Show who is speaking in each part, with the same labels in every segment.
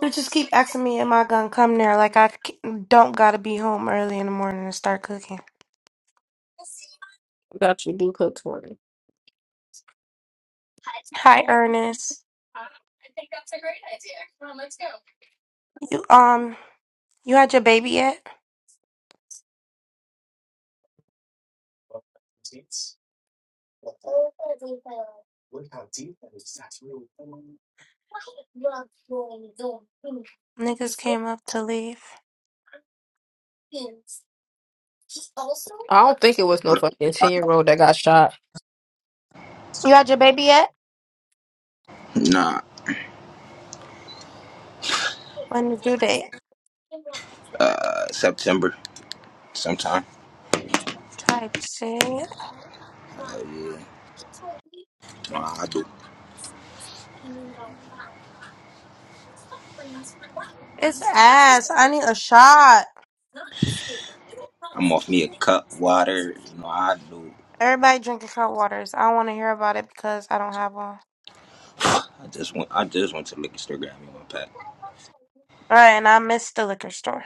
Speaker 1: They just keep asking me, am I gonna come there? Like I c- don't gotta be home early in the morning to start cooking. Hi, Ernest. You um, you had your baby yet? Niggas came up to leave.
Speaker 2: I don't think it was no fucking 10 year old that got shot.
Speaker 1: You had your baby yet?
Speaker 3: Nah,
Speaker 1: When do they
Speaker 3: uh, September sometime.
Speaker 1: type shit?
Speaker 3: Uh, yeah, no, I do.
Speaker 1: It's ass. I need a shot.
Speaker 3: I'm off me a cup, water. You know, I do.
Speaker 1: Everybody drinking hot waters. I don't want to hear about it because I don't have one.
Speaker 3: I just went. I just went to the liquor store, grab me one pack.
Speaker 1: All right, and I missed the liquor store.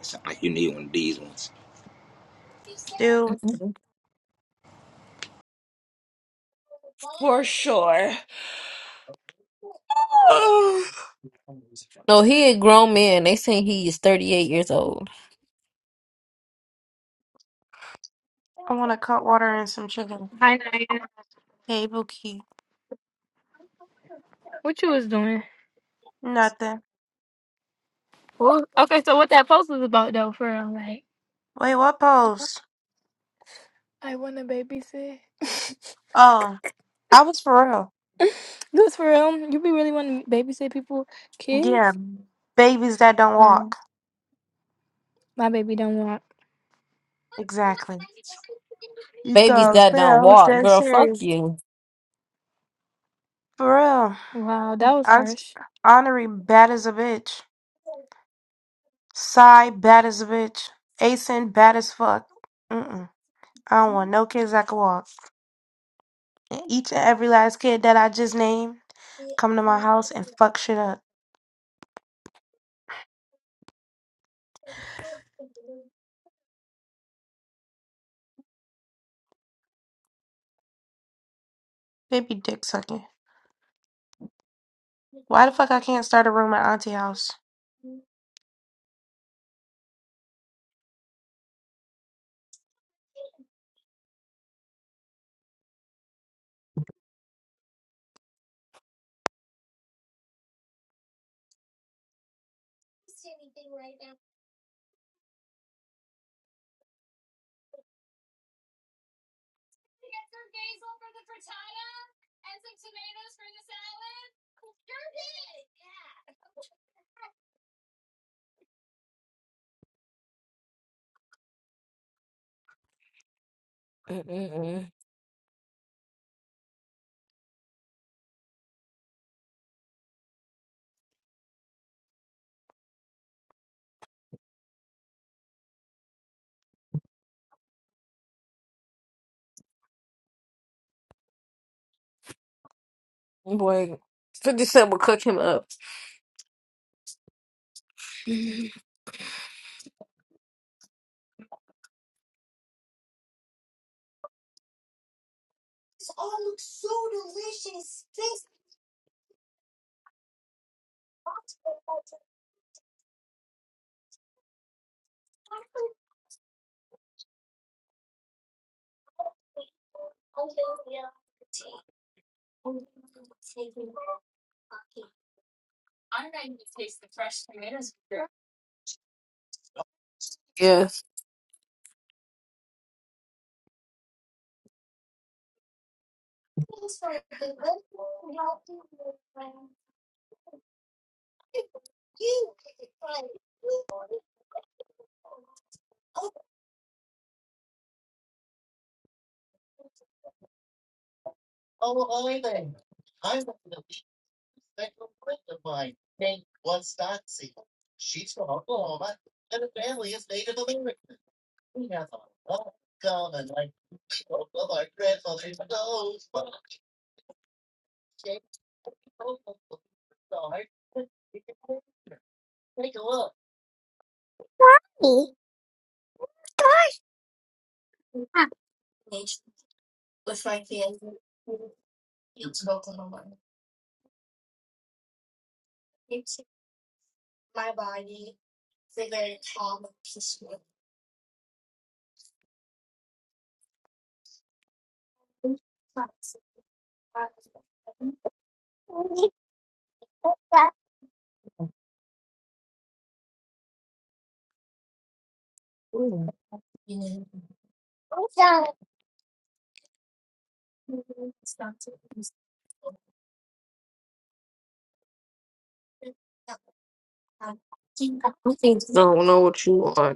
Speaker 3: Sound like you need one of these ones.
Speaker 1: Dude, For sure. I
Speaker 2: No, he a grown man. They saying he is 38 years old.
Speaker 1: want a cut water and some chicken.
Speaker 4: Hi, Naya.
Speaker 1: Hey, Bookie.
Speaker 4: What you was doing?
Speaker 1: Nothing.
Speaker 4: Well, okay, so what that post was about though, for real, like
Speaker 1: Wait, what pose?
Speaker 4: I wanna babysit.
Speaker 1: Oh, I was for real.
Speaker 4: This for real? You be really wanting to babysit people,
Speaker 1: Yeah,
Speaker 4: kids?
Speaker 1: babies that don't
Speaker 4: Oh,
Speaker 1: walk.
Speaker 4: my baby don't want.
Speaker 1: Exactly. You thought
Speaker 2: Babies
Speaker 1: I was
Speaker 2: that
Speaker 4: Mm.
Speaker 1: playing?
Speaker 2: don't
Speaker 1: I was
Speaker 2: walk.
Speaker 1: that
Speaker 2: Girl, fuck
Speaker 1: serious.
Speaker 2: you.
Speaker 1: For real.
Speaker 4: Wow, that was
Speaker 1: Honest,
Speaker 4: harsh.
Speaker 1: honorary bad as a bitch. Psy bad as a bitch. Asin bad as fuck. Mm-mm. I don't want no kids that can walk. And each and every last kid that I just named come to my house and fuck shit up. They be dick sucking. Why the fuck I can't start a room at auntie house?
Speaker 2: Mm-mm-mm. Boy, 50 Cent will cook him up. Yes. I think you don't know what you are.